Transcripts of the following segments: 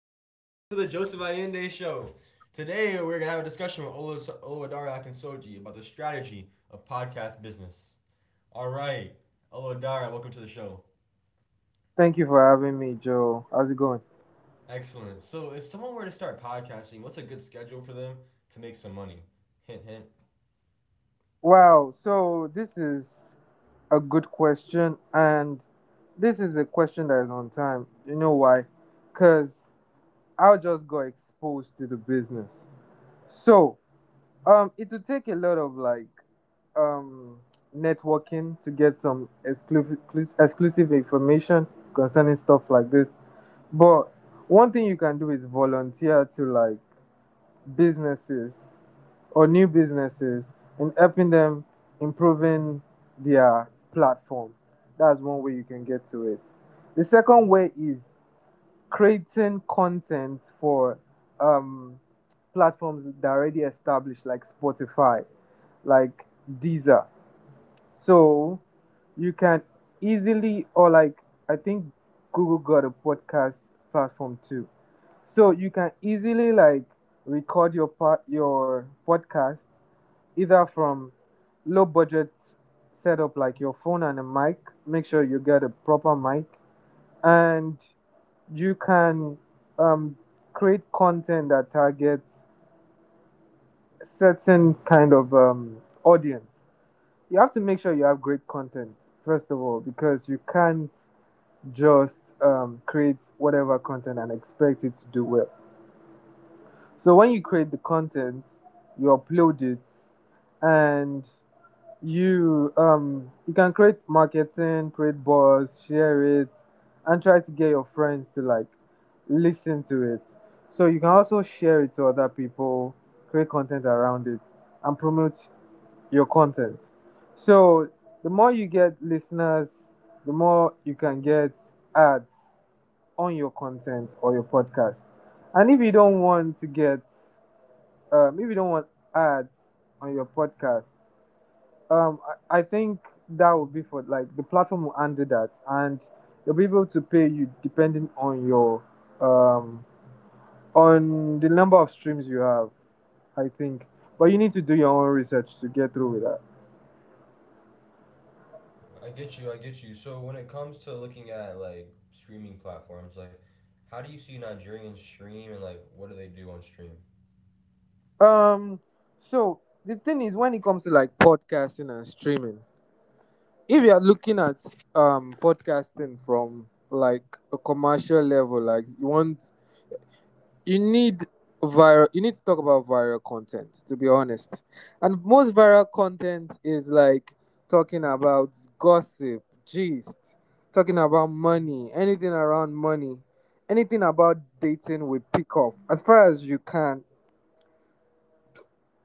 one. welcome to the Joseph Allende Show. Today we're gonna have a discussion with Oluwadara Akinsoji about the strategy of podcast business. All right, Oluwadara, welcome to the show. Thank you for having me, Joe. How's it going? Excellent. So, if someone were to start podcasting, what's a good schedule for them to make some money? Hint, hint. Wow. So this is a good question, and this is a question that is on time. You know why? Cause I just got exposed to the business. So, it would take a lot of um, networking to get some exclusive information concerning stuff like this. But one thing you can do is volunteer to like businesses or new businesses and helping them improving their platform. That's one way you can get to it. The second way is creating content for um, platforms that are already established, like Spotify, like Deezer. So you can easily, or like, I think Google got a podcast platform too. So you can easily like record your part your podcast either from low budget setup like your phone and a mic. Make sure you get a proper mic, and you can um, create content that targets a certain kind of audience. You have to make sure you have great content first of all because you can't just create whatever content and expect it to do well. So when you create the content, you upload it, and you can create marketing, create buzz, share it, and try to get your friends to like listen to it. So you can also share it to other people, create content around it, and promote your content. So the more you get listeners, the more you can get ads on your content or your podcast. And if you don't want to get, if you don't want ads on your podcast, um, I think that would be for like the platform will handle that, and they'll be able to pay you depending on your um on the number of streams you have. I think, but you need to do your own research to get through with that. I get you. I get you. So, when it comes to looking at like streaming platforms, like how do you see Nigerians stream and like what do they do on stream? Um, so the thing is, when it comes to like podcasting and streaming, if you are looking at podcasting from like a commercial level, like you want you need viral you need to talk about viral content, to be honest, and most viral content is like talking about gossip gist, talking about money, anything around money, anything about dating with pick up. As far as you can,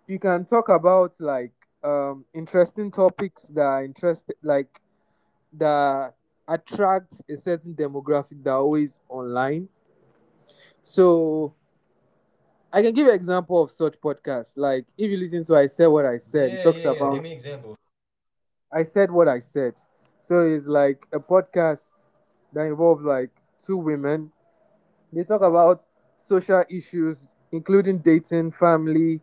you can talk about like interesting topics that are interest like that attracts a certain demographic that are always online. So I can give an example of such podcasts. Like if you listen to I Said What I Said, Yeah, it yeah, talks yeah. Give about me examples. I said what I said. So it's like a podcast that involves like two women. They talk about social issues, including dating, family,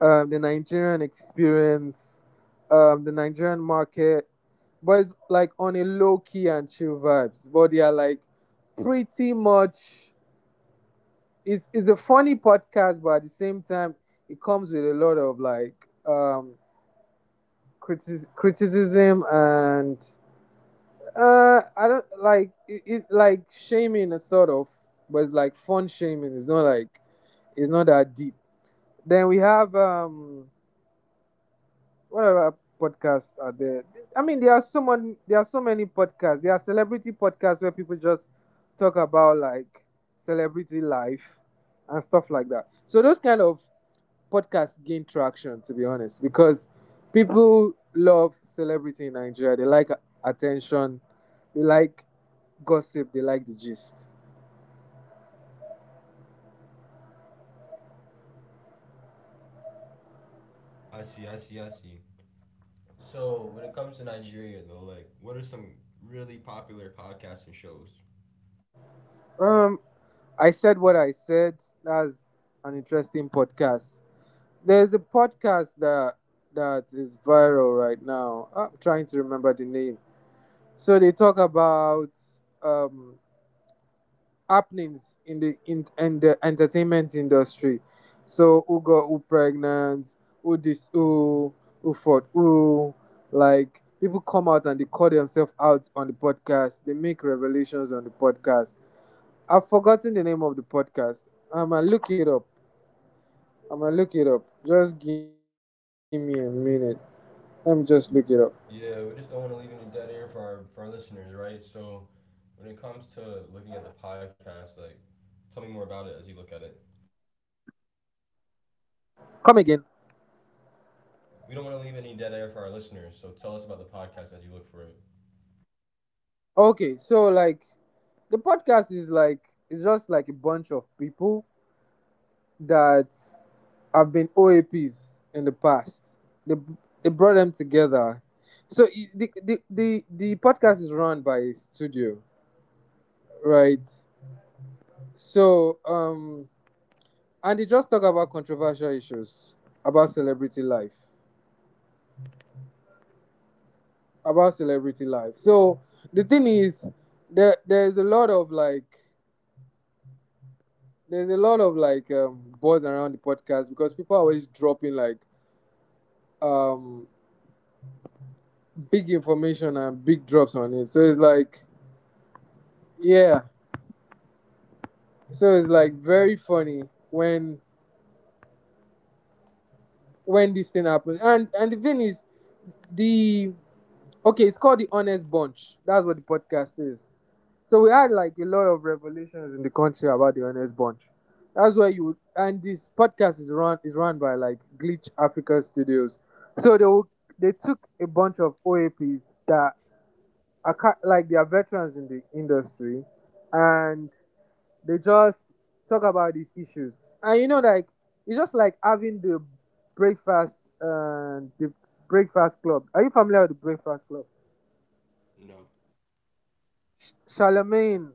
the Nigerian experience, the Nigerian market. But it's like on a low key and chill vibes. But they are like pretty much it's a funny podcast, but at the same time, it comes with a lot of like um criticism and I don't like it, it's like shaming a sort of, but it's like fun shaming. It's not like it's not that deep. Then we have what other podcasts are there? I mean, there are so many podcasts. There are celebrity podcasts where people just talk about like celebrity life and stuff like that. So those kind of podcast gain traction, to be honest, because people love celebrity in Nigeria. They like attention, they like gossip, they like the gist. I see. I see. I see. So when it comes to Nigeria though, like what are some really popular podcasts and shows? Um, I said what I said. That's an interesting podcast. There's a podcast that is viral right now. I'm trying to remember the name. So they talk about um happenings in in the entertainment industry. So who got who pregnant, who this who who fought who, like people come out and they call themselves out on the podcast. They make revelations on the podcast. I've forgotten the name of the podcast. I'ma look it up. I'ma look it up. Just give me a minute. Let me just look it up. Yeah, we just don't want to leave any dead air for our listeners, right? So when it comes to looking at the podcast, like tell me more about it as you look at it. Come again. We don't want to leave any dead air for our listeners, so tell us about the podcast as you look for it. Okay, so like the podcast is like it's just like a bunch of people that have been OAPs in the past. They they brought them together. So the podcast is run by a studio, right? So and they just talk about controversial issues about celebrity life, about celebrity life. So the thing is, there's a lot of like. There's a lot of like buzz around the podcast because people are always dropping like um big information and big drops on it. So it's like, yeah. So it's like very funny when when this thing happens. And the thing is, the okay, it's called the Honest Bunch. That's what the podcast is. So we had like a lot of revelations in the country about the Honest Bunch. That's where you would, and this podcast is run by like Glitch Africa Studios. So they will, they took a bunch of OAPs that are like they are veterans in the industry, and they just talk about these issues, and you know, like it's just like having the the breakfast club. Are you familiar with the breakfast club? No. Charlemagne,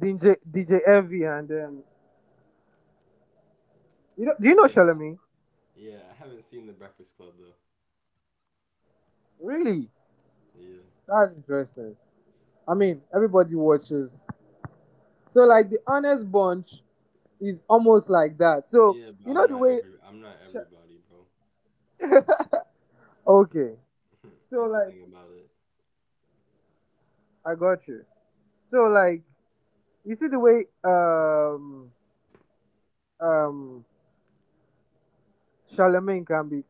DJ Envy, and you know, do you know Yeah, Charlemagne? yeah. I haven't seen The Breakfast Club though. Really? Yeah. That's interesting. I mean, everybody watches. So like the honest bunch is almost like that. So Yeah, but you know the way. I'm not everybody, bro. Okay. So That's the like thing about it. I got you. So like you see the way um Charlemagne can be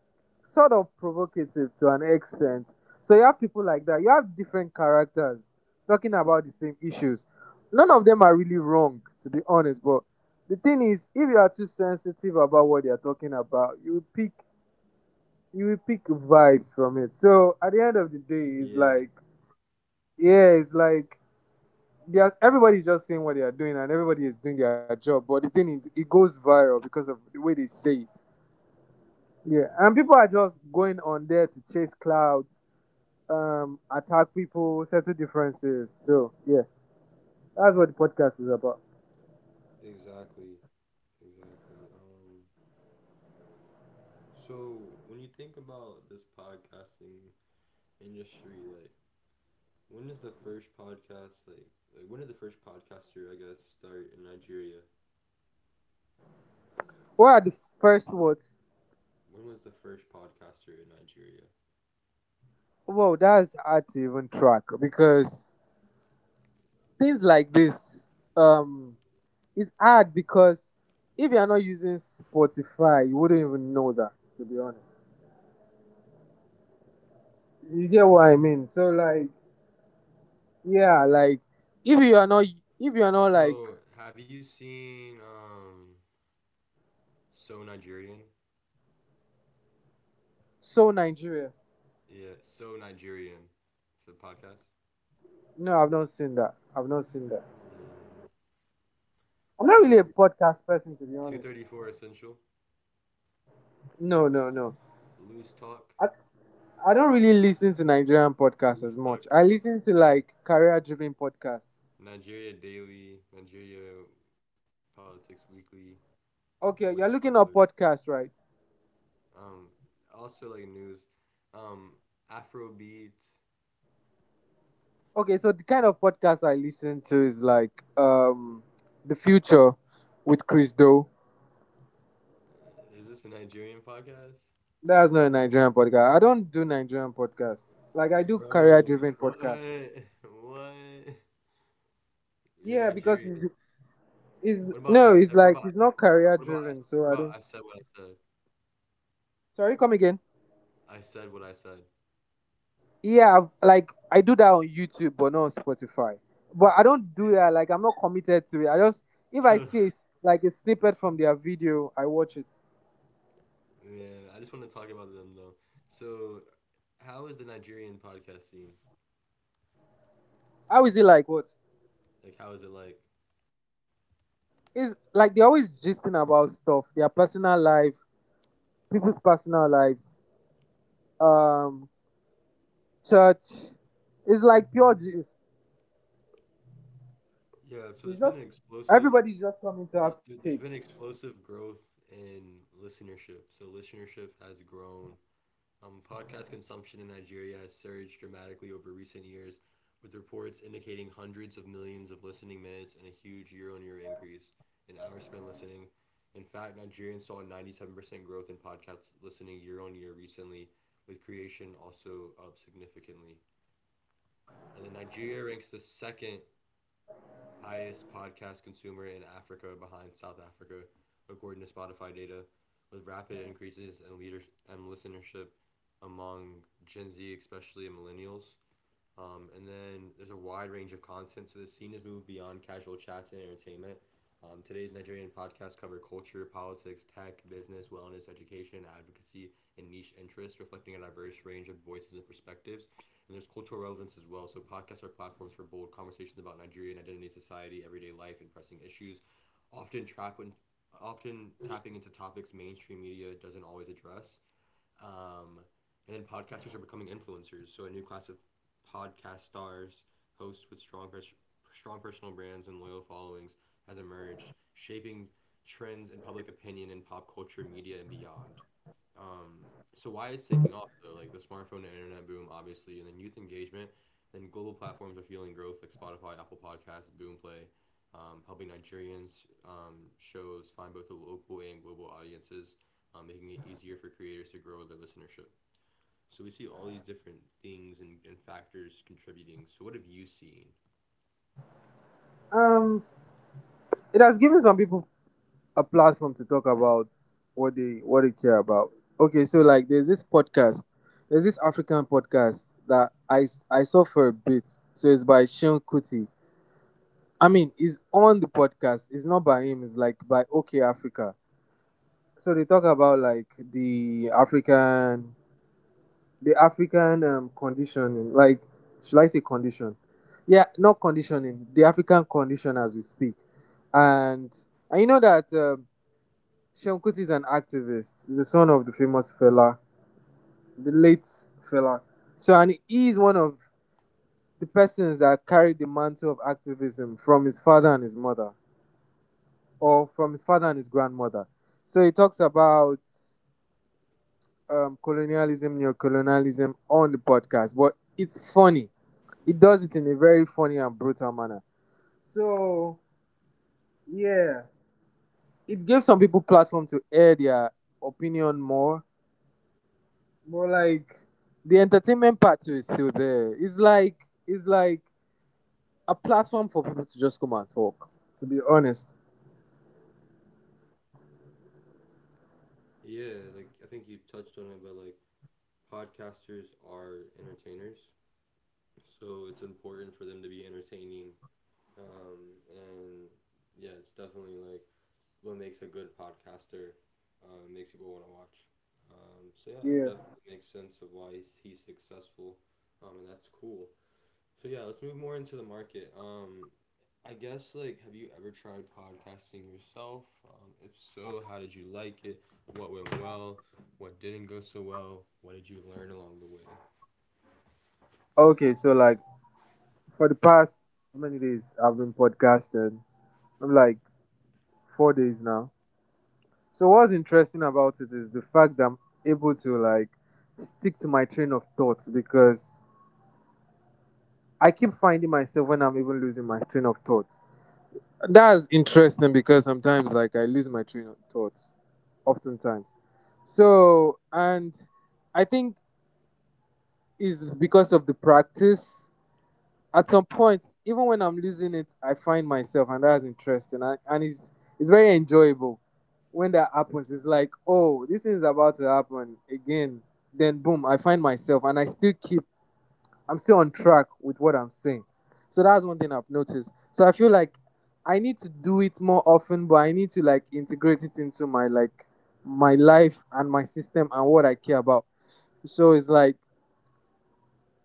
sort of provocative to an extent. So you have people like that. You have different characters talking about the same issues. None of them are really wrong, to be honest. But the thing is, if you are too sensitive about what they are talking about, you will pick vibes from it. So at the end of the day, it's like Yeah. yeah, it's like they are, everybody's just saying what they are doing and everybody is doing their job. But the thing is, it goes viral because of the way they say it. Yeah, and Mm. people are just going on there to chase clouds, attack people, settle differences. So yeah, that's what the podcast is about. Exactly. Exactly. So when you think about this podcasting industry, like when is the first podcast like when did the first podcaster I guess start in Nigeria? What are the first words? When was the first podcaster in Nigeria? Well, that's hard to even track because things like this, um, is hard because if you are not using Spotify, you wouldn't even know that. To be honest, you get what I mean. So like, yeah, like if you are not, So, have you seen So Nigerian? so Nigeria, Yeah, So Nigerian. It's a podcast. no, I've not seen that. I've not seen that. Mm, I'm not really a 230, podcast person, to be honest. Essential. No, no, no. Loose Talk. I, I don't really listen to Nigerian podcasts as Loose Talk. much. I listen to Yeah. like career driven podcasts. Nigeria Daily, Nigeria Politics Weekly, Fourth Okay, you're Republic. looking up podcasts, right? Um, also like news. Um, Afrobeat. Okay, so the kind of podcast I listen to is like The Future with Chris Doe. Is this a Nigerian podcast? That's not a Nigerian podcast. I don't do Nigerian podcasts. Like I do career Bro, driven podcasts. what? What? You're Yeah, Nigerian. What it's about I said? What no, about it's I, like it's said? not What about I, career said? What driven, about I so I said don't. what I said? Sorry, come again. I said what I said. Yeah, I've- like I do that on YouTube, but not on Spotify. But I don't do that. Like I'm not committed to it. I just if So I see a s like a snippet from their video, I watch it. yeah, I just want to talk about them though. So, how is the Nigerian podcast scene? How is it like? What Like, how is it like? is like? They're always gisting about stuff, their personal life, people's personal lives, um, church. It's like pure gist. Yeah, so It's just everybody's just coming to have there's, takes. there's been explosive growth in listenership. So listenership has grown. Podcast consumption in Nigeria has surged dramatically over recent years, with reports indicating hundreds of millions of listening minutes and a huge year-on-year increase in hours spent listening. In fact, Nigerians saw a 97% growth in podcast listening year-on-year recently, with creation also up significantly. And then Nigeria ranks the second highest podcast consumer in Africa behind South Africa, according to Spotify data, with rapid increases in leadership and listenership among Gen Z, especially millennials. And then there's a wide range of content, so the scene has moved beyond casual chats and entertainment. Today's Nigerian podcast cover culture, politics, tech, business, wellness, education, advocacy, and niche interests, reflecting a diverse range of voices and perspectives. And there's cultural relevance as well. So podcasts are platforms for bold conversations about Nigerian identity, society, everyday life, and pressing issues. Often trap when, often tapping into topics mainstream media doesn't always address. Um, and then podcasters are becoming influencers. So a new class of podcast stars, hosts with strong personal brands and loyal followings has emerged, shaping trends in public opinion in pop culture, media, and beyond. Um, so why it's taking off though, like the smartphone and internet boom, obviously, and then youth engagement, then global platforms are fueling growth like Spotify, Apple Podcasts, Boomplay, helping Nigerians shows find both the local and global audiences, making it easier for creators to grow their listenership. So we see all these different things and factors contributing. So what have you seen? Um, it has given some people a platform to talk about what they care about. Okay, so like there's this podcast, there's this African podcast that I saw for a bit. So it's by Sean Kuti. I mean, it's on the podcast. It's not by him. It's like by OK Africa. So they talk about like the African conditioning. Like should I say condition? Yeah, not conditioning. The African condition as we speak, and and you know that Sean Kuti is an activist. He's the son of the famous fella, the late fella. So, and he is one of the persons that carried the mantle of activism from his father and his mother, or from his father and his grandmother. So he talks about colonialism, neocolonialism on the podcast, but it's funny. It does it in a very funny and brutal manner. So, yeah, it gave some people platform to air their opinion more. More like the entertainment part too is still there. It's like a platform for people to just come and talk. To be honest. Yeah, like I think you touched on it, but like podcasters are entertainers, so it's important for them to be entertaining and yeah, it's definitely like what makes a good podcaster. Makes people want to watch. So yeah, it Yeah. definitely makes sense of why he's successful, and that's cool. So yeah, let's move more into the market. I guess like, have you ever tried podcasting yourself? If so, how did you like it? What went well? What didn't go so well? What did you learn along the way? Okay, so like for the past how many days I've been podcasting? I'm like 4 days now. So what's interesting about it is the fact that I'm able to like stick to my train of thoughts because I keep finding myself when I'm even losing my train of thought. That's interesting because sometimes, like, I lose my train of thoughts, oftentimes. So, and I think is because of the practice. At some point, even when I'm losing it, I find myself, and that's interesting, and it's very enjoyable when that happens. It's like, oh, this thing is about to happen again. Then boom, I find myself, and I'm still on track with what I'm saying. So that's one thing I've noticed. So I feel like I need to do it more often, but I need to like integrate it into my like my life and my system and what I care about. So it's like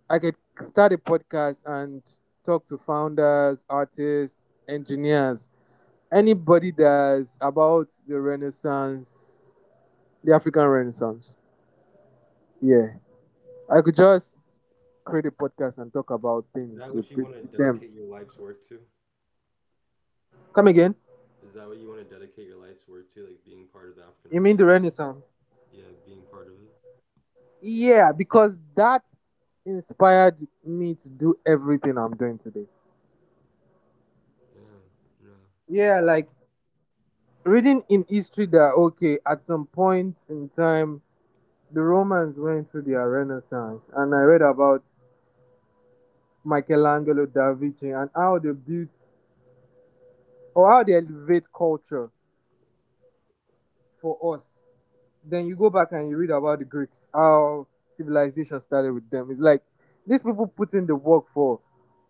I could start a podcast and talk to founders, artists, engineers, anybody that's about the Renaissance, the African Renaissance. Yeah. I could just create a podcast and talk about Is that things what with, you want to with them. dedicate your life's work to? Come again. Is that what you want to dedicate your life's work to, like being part of the African You mean the Renaissance? Renaissance? Yeah, being part of it. Yeah, because that inspired me to do everything I'm doing today. Yeah, no, that's Yeah, like reading in history that okay, at some point in time, the Romans went through their Renaissance, and I read about Michelangelo, Da Vinci, and how they built or how they elevate culture for us. Then you go back and you read about the Greeks, how civilization started with them. It's like these people put in the work for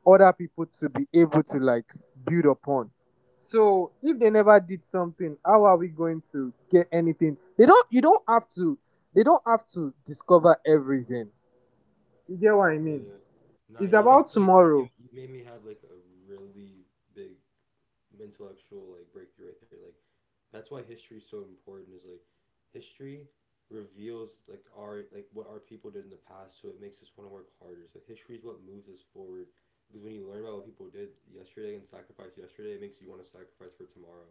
other people to be able to like build upon. So if they never did something, how are we going to get anything? They don't have to discover everything. You get what I yeah. mean? Yeah. Nah, It's you just about like you made, tomorrow. you made me have like a really big intellectual like breakthrough right there. Like that's why history is so important. Is like history reveals like our like what our people did in the past, so it makes us want to work harder. So history is what moves us forward. Because when you learn about what people did yesterday and sacrificed yesterday, it makes you want to sacrifice for tomorrow.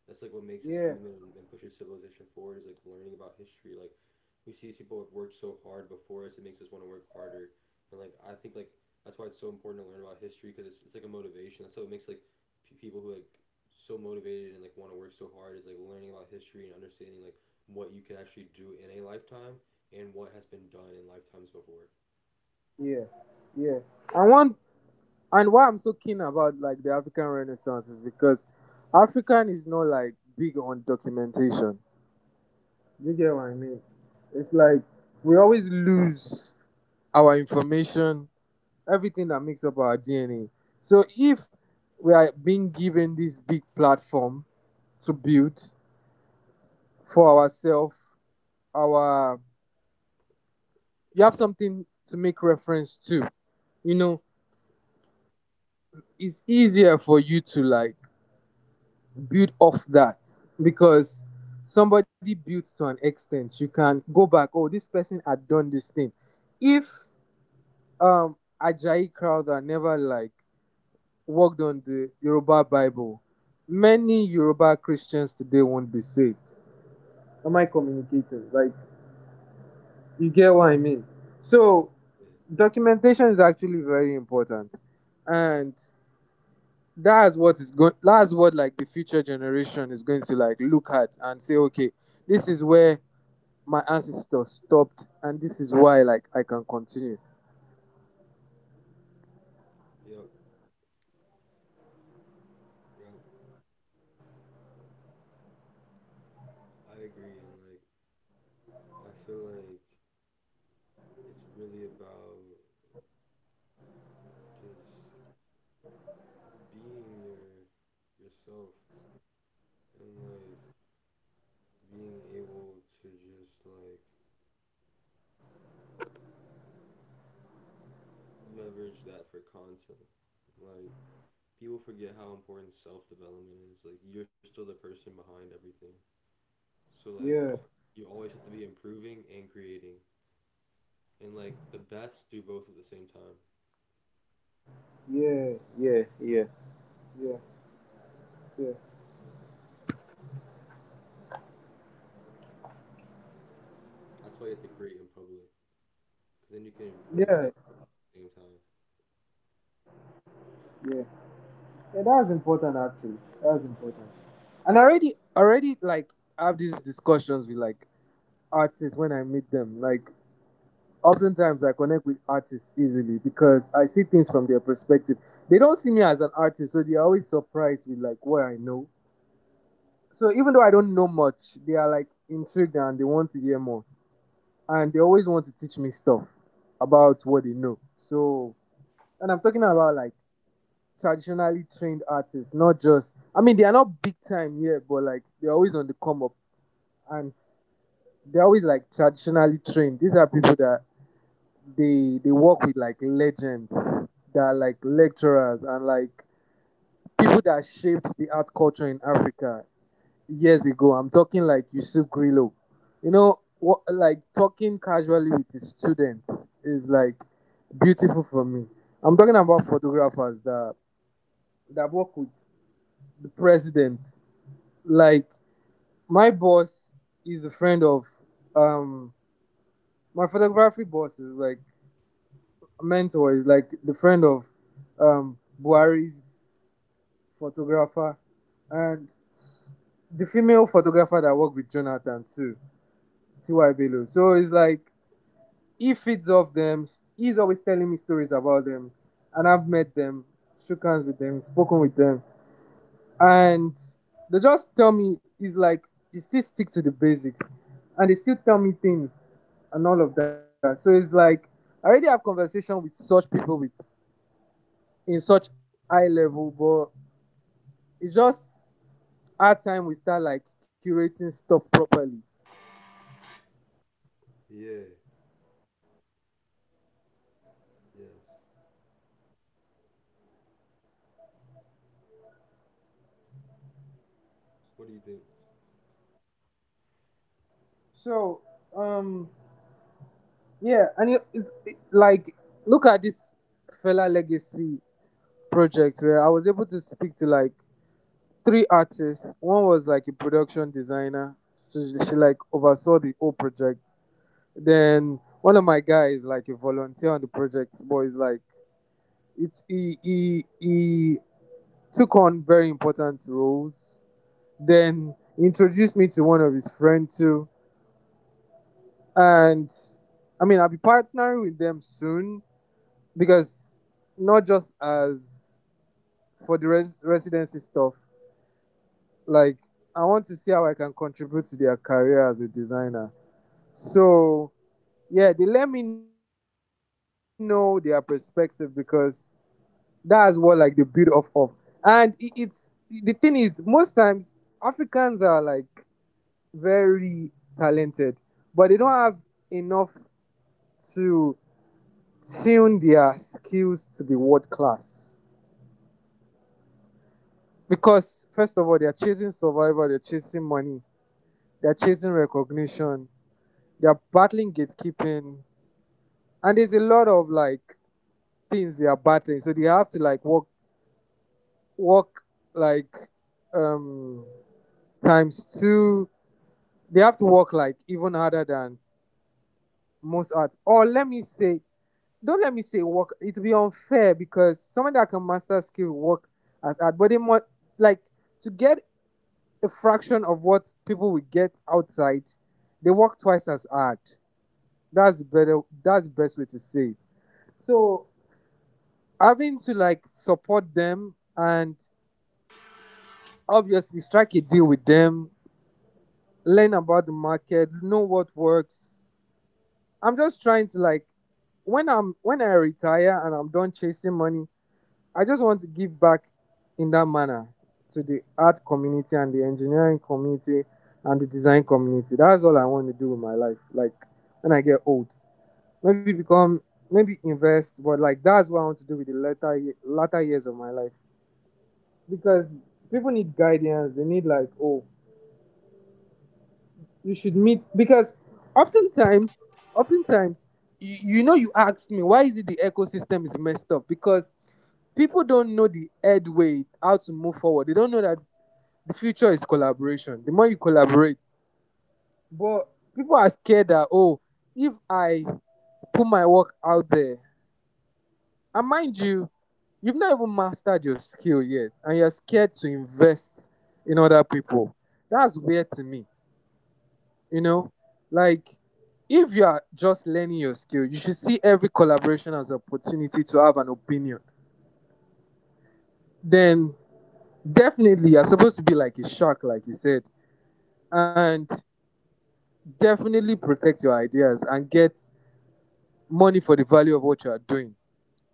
That's like what makes us Yeah, human and pushes civilization forward. Is like learning about history. Like we see these people who have worked so hard before us, it makes us want to work harder. And like I think like that's why it's so important to learn about history because it's like a motivation. That's how it makes like people who like so motivated and like want to work so hard is like learning about history and understanding like what you can actually do in a lifetime and what has been done in lifetimes before. yeah, yeah. And one and why I'm so keen about like the African Renaissance is because African is not like big on documentation. You get what I mean? It's like we always lose our information, everything that makes up our DNA. So if we are being given this big platform to build for ourselves, our you have something to make reference to. You know, it's easier for you to like build off that because somebody built to an extent. You can go back, oh, this person had done this thing. If um Ajayi Crowther never like worked on the Yoruba Bible, many Yoruba Christians today won't be saved. Am I communicating? Like you get what I mean? So Yeah. documentation is actually very important. And that's what like the future generation is going to like look at and say okay this is where my ancestors stopped and this is why like I can continue. Yep. Yep. I agree and like I feel like it's really about just being yourself and like being able to just like leverage that for content. Like people forget how important self development is. Like you're still the person behind everything. So like Yeah, you always have to be improving and creating, and like the best do both at the same time. yeah, yeah, yeah, yeah, yeah, That's why you have to create in public, because then you can improve and yeah, create at the same time. yeah. Yeah, that's important actually. That's important. And already like I have these discussions with like artists when I meet them, like oftentimes I connect with artists easily because I see things from their perspective. They don't see me as an artist, so they're always surprised with like what I know. So even though I don't know much, they are like intrigued and they want to hear more. And they always want to teach me stuff about what they know. So and I'm talking about like traditionally trained artists, not just I mean they are not big time yet, but like they're always on the come up and they're always like traditionally trained. These are people that they work with like legends that are like lecturers and like people that shaped the art culture in Africa years ago. I'm talking like Yusuf Grillo. You know, what, like talking casually with his students is like beautiful for me. I'm talking about photographers that work with the president. Like my boss is a friend of um my photography boss is like a mentor, is like the friend of Buhari's photographer and the female photographer that worked with Jonathan too, T.Y. Bello. So it's like he feeds off them. He's always telling me stories about them, and I've met them, shook hands with them, spoken with them, and they just tell me it's like you still stick to the basics, and they still tell me things and all of that. So it's like I already have conversation with such people with in such high level, but it's just our time we start like curating stuff properly. Yeah. Yes. What do you think? So, um, yeah, and like look at this fella legacy project where I was able to speak to like three artists. One was like a production designer. She like oversaw the whole project. Then one of my guys like a volunteer on the project, but he's like it he took on very important roles. Then he introduced me to one of his friends too. And I mean, I'll be partnering with them soon because not just as for the residency stuff, like I want to see how I can contribute to their career as a designer. So yeah, they let me know their perspective because that's what like the build off of. And it, it's the thing is most times Africans are like very talented, but they don't have enough to tune their skills to be world class. Because first of all, they are chasing survival, they're chasing money, they're chasing recognition, they're battling gatekeeping, and there's a lot of like things they are battling. So they have to like work like um times two. They have to work like even harder than most arts. Or let me say don't let me say work. It will be unfair because someone that can master skill work as hard, but they must like to get a fraction of what people will get outside. They work twice as hard. That's the better. That's the best way to say it. So having to like support them and obviously strike a deal with them, learn about the market, know what works. I'm just trying to like when I retire and I'm done chasing money, I just want to give back in that manner to the art community and the engineering community and the design community. That's all I want to do with my life. Like when I get old, maybe become, maybe invest, but like that's what I want to do with the latter latter years of my life because people need guidance. They need like, oh, you should meet because oftentimes, oftentimes. You, you asked me why is it the ecosystem is messed up because people don't know the head way how to move forward. They don't know that the future is collaboration. The more you collaborate, but people are scared that oh, if I put my work out there, and mind you, you've not even mastered your skill yet, and you're scared to invest in other people. That's weird to me. You know, like if you are just learning your skill, you should see every collaboration as an opportunity to have an opinion. Then definitely you're supposed to be like a shark, like you said, and definitely protect your ideas and get money for the value of what you are doing.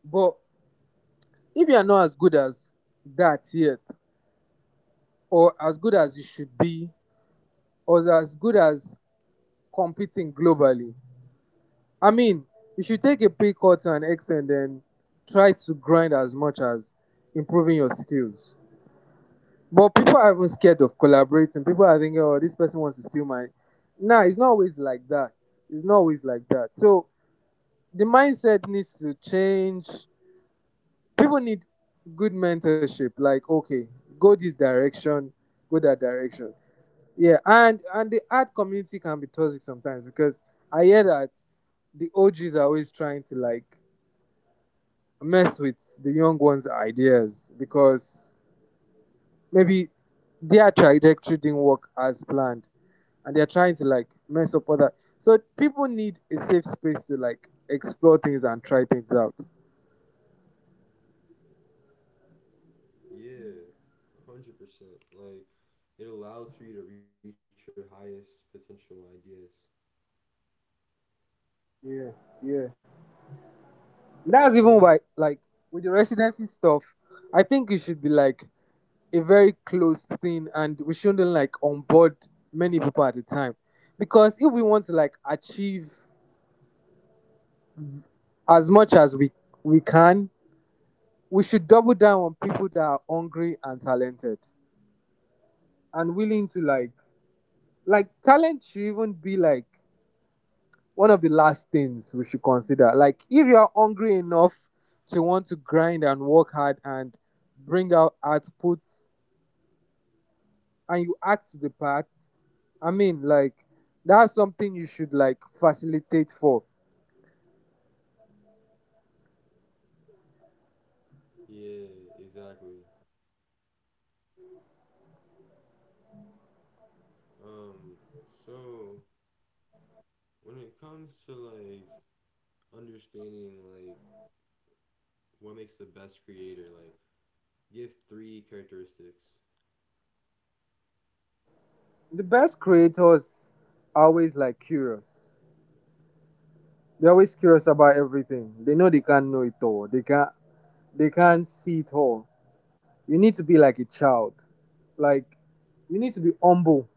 But if you are not as good as that yet, or as good as you should be, or as good as competing globally, I mean, you should take a pay cut to an extent and try to grind as much as improving your skills. But people are even scared of collaborating. People are thinking, oh, this person wants to steal my. Nah, it's not always like that. It's not always like that. So the mindset needs to change. People need good mentorship like okay go this direction go that direction. Yeah, and the art community can be toxic sometimes because I hear that the OG's are always trying to like mess with the young ones ideas because maybe their trajectory didn't work as planned and they're trying to like mess up other. So people need a safe space to like explore things and try things out. Yeah. 100%. Like it allows for you to reach your highest potential ideas. Yeah, yeah. So like That's even why, like, with the residency stuff, I think it should be like a very close thing, and we shouldn't like onboard many people at a time, because if we want to like achieve as much as we can, we should double down on people that are hungry and talented and willing to like talent should even be like one of the last things we should consider. Like, if you are hungry enough to want to grind and work hard and bring out outputs and you act the part I mean like that's something you should like facilitate for. yeah, exactly. Um. So when it comes to like understanding like what makes the best creator like Give three characteristics. The best creators are always like curious. They're always curious about everything. They know they can't know it all. They can't see it all. You need to be like a child, like you need to be humble.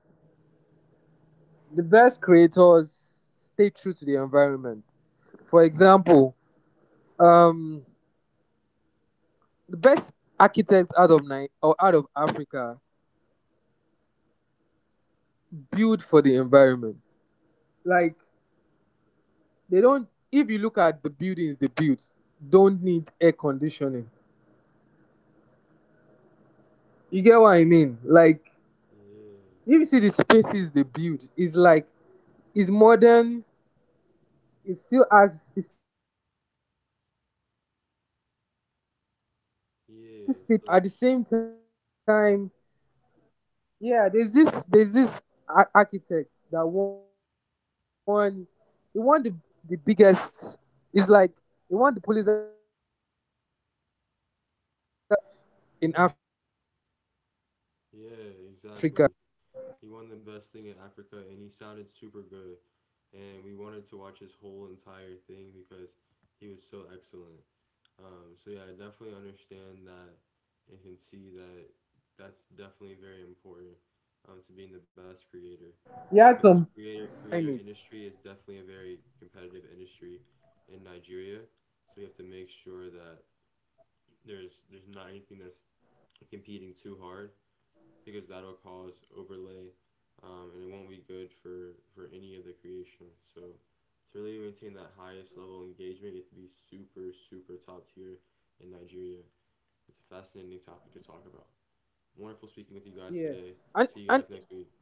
The best creators stay true to the environment. For example, um the best architects out of Africa build for the environment. Like they don't. If you look at the buildings they built, don't need air conditioning. You get what I mean? Like Yeah, if you see the spaces they build, it's like it's modern. It still has. It still stayed true to the African design. yeah, it's At the like same time, yeah, there's this architect that won. He won the biggest. It's like he won the Pulitzer Prize for what an architect will win in Africa. So yeah, he had some exactly. buildings. He won the best thing in Africa, and He he had sounded some, super good. yeah, so he And we had some wanted to watch his buildings. whole They entire just thing work because for the he was so climate. excellent. Like, they are So yeah, cool I definitely inside, they are made out of understand that clay, and can but it's see that modern. that's It has definitely very brutally important structure, to being the best and creator it's well because put creator together. creator industry is definitely a very competitive industry in Nigeria. So we have to make sure that there's not anything that's competing too hard because that'll cause overlay, and it won't be good for any of the creation. So to really maintain that highest level of engagement, you have to be super super top tier in Nigeria. It's a fascinating topic to talk about. Wonderful speaking with you guys today. See Yeah. you guys next And, week. and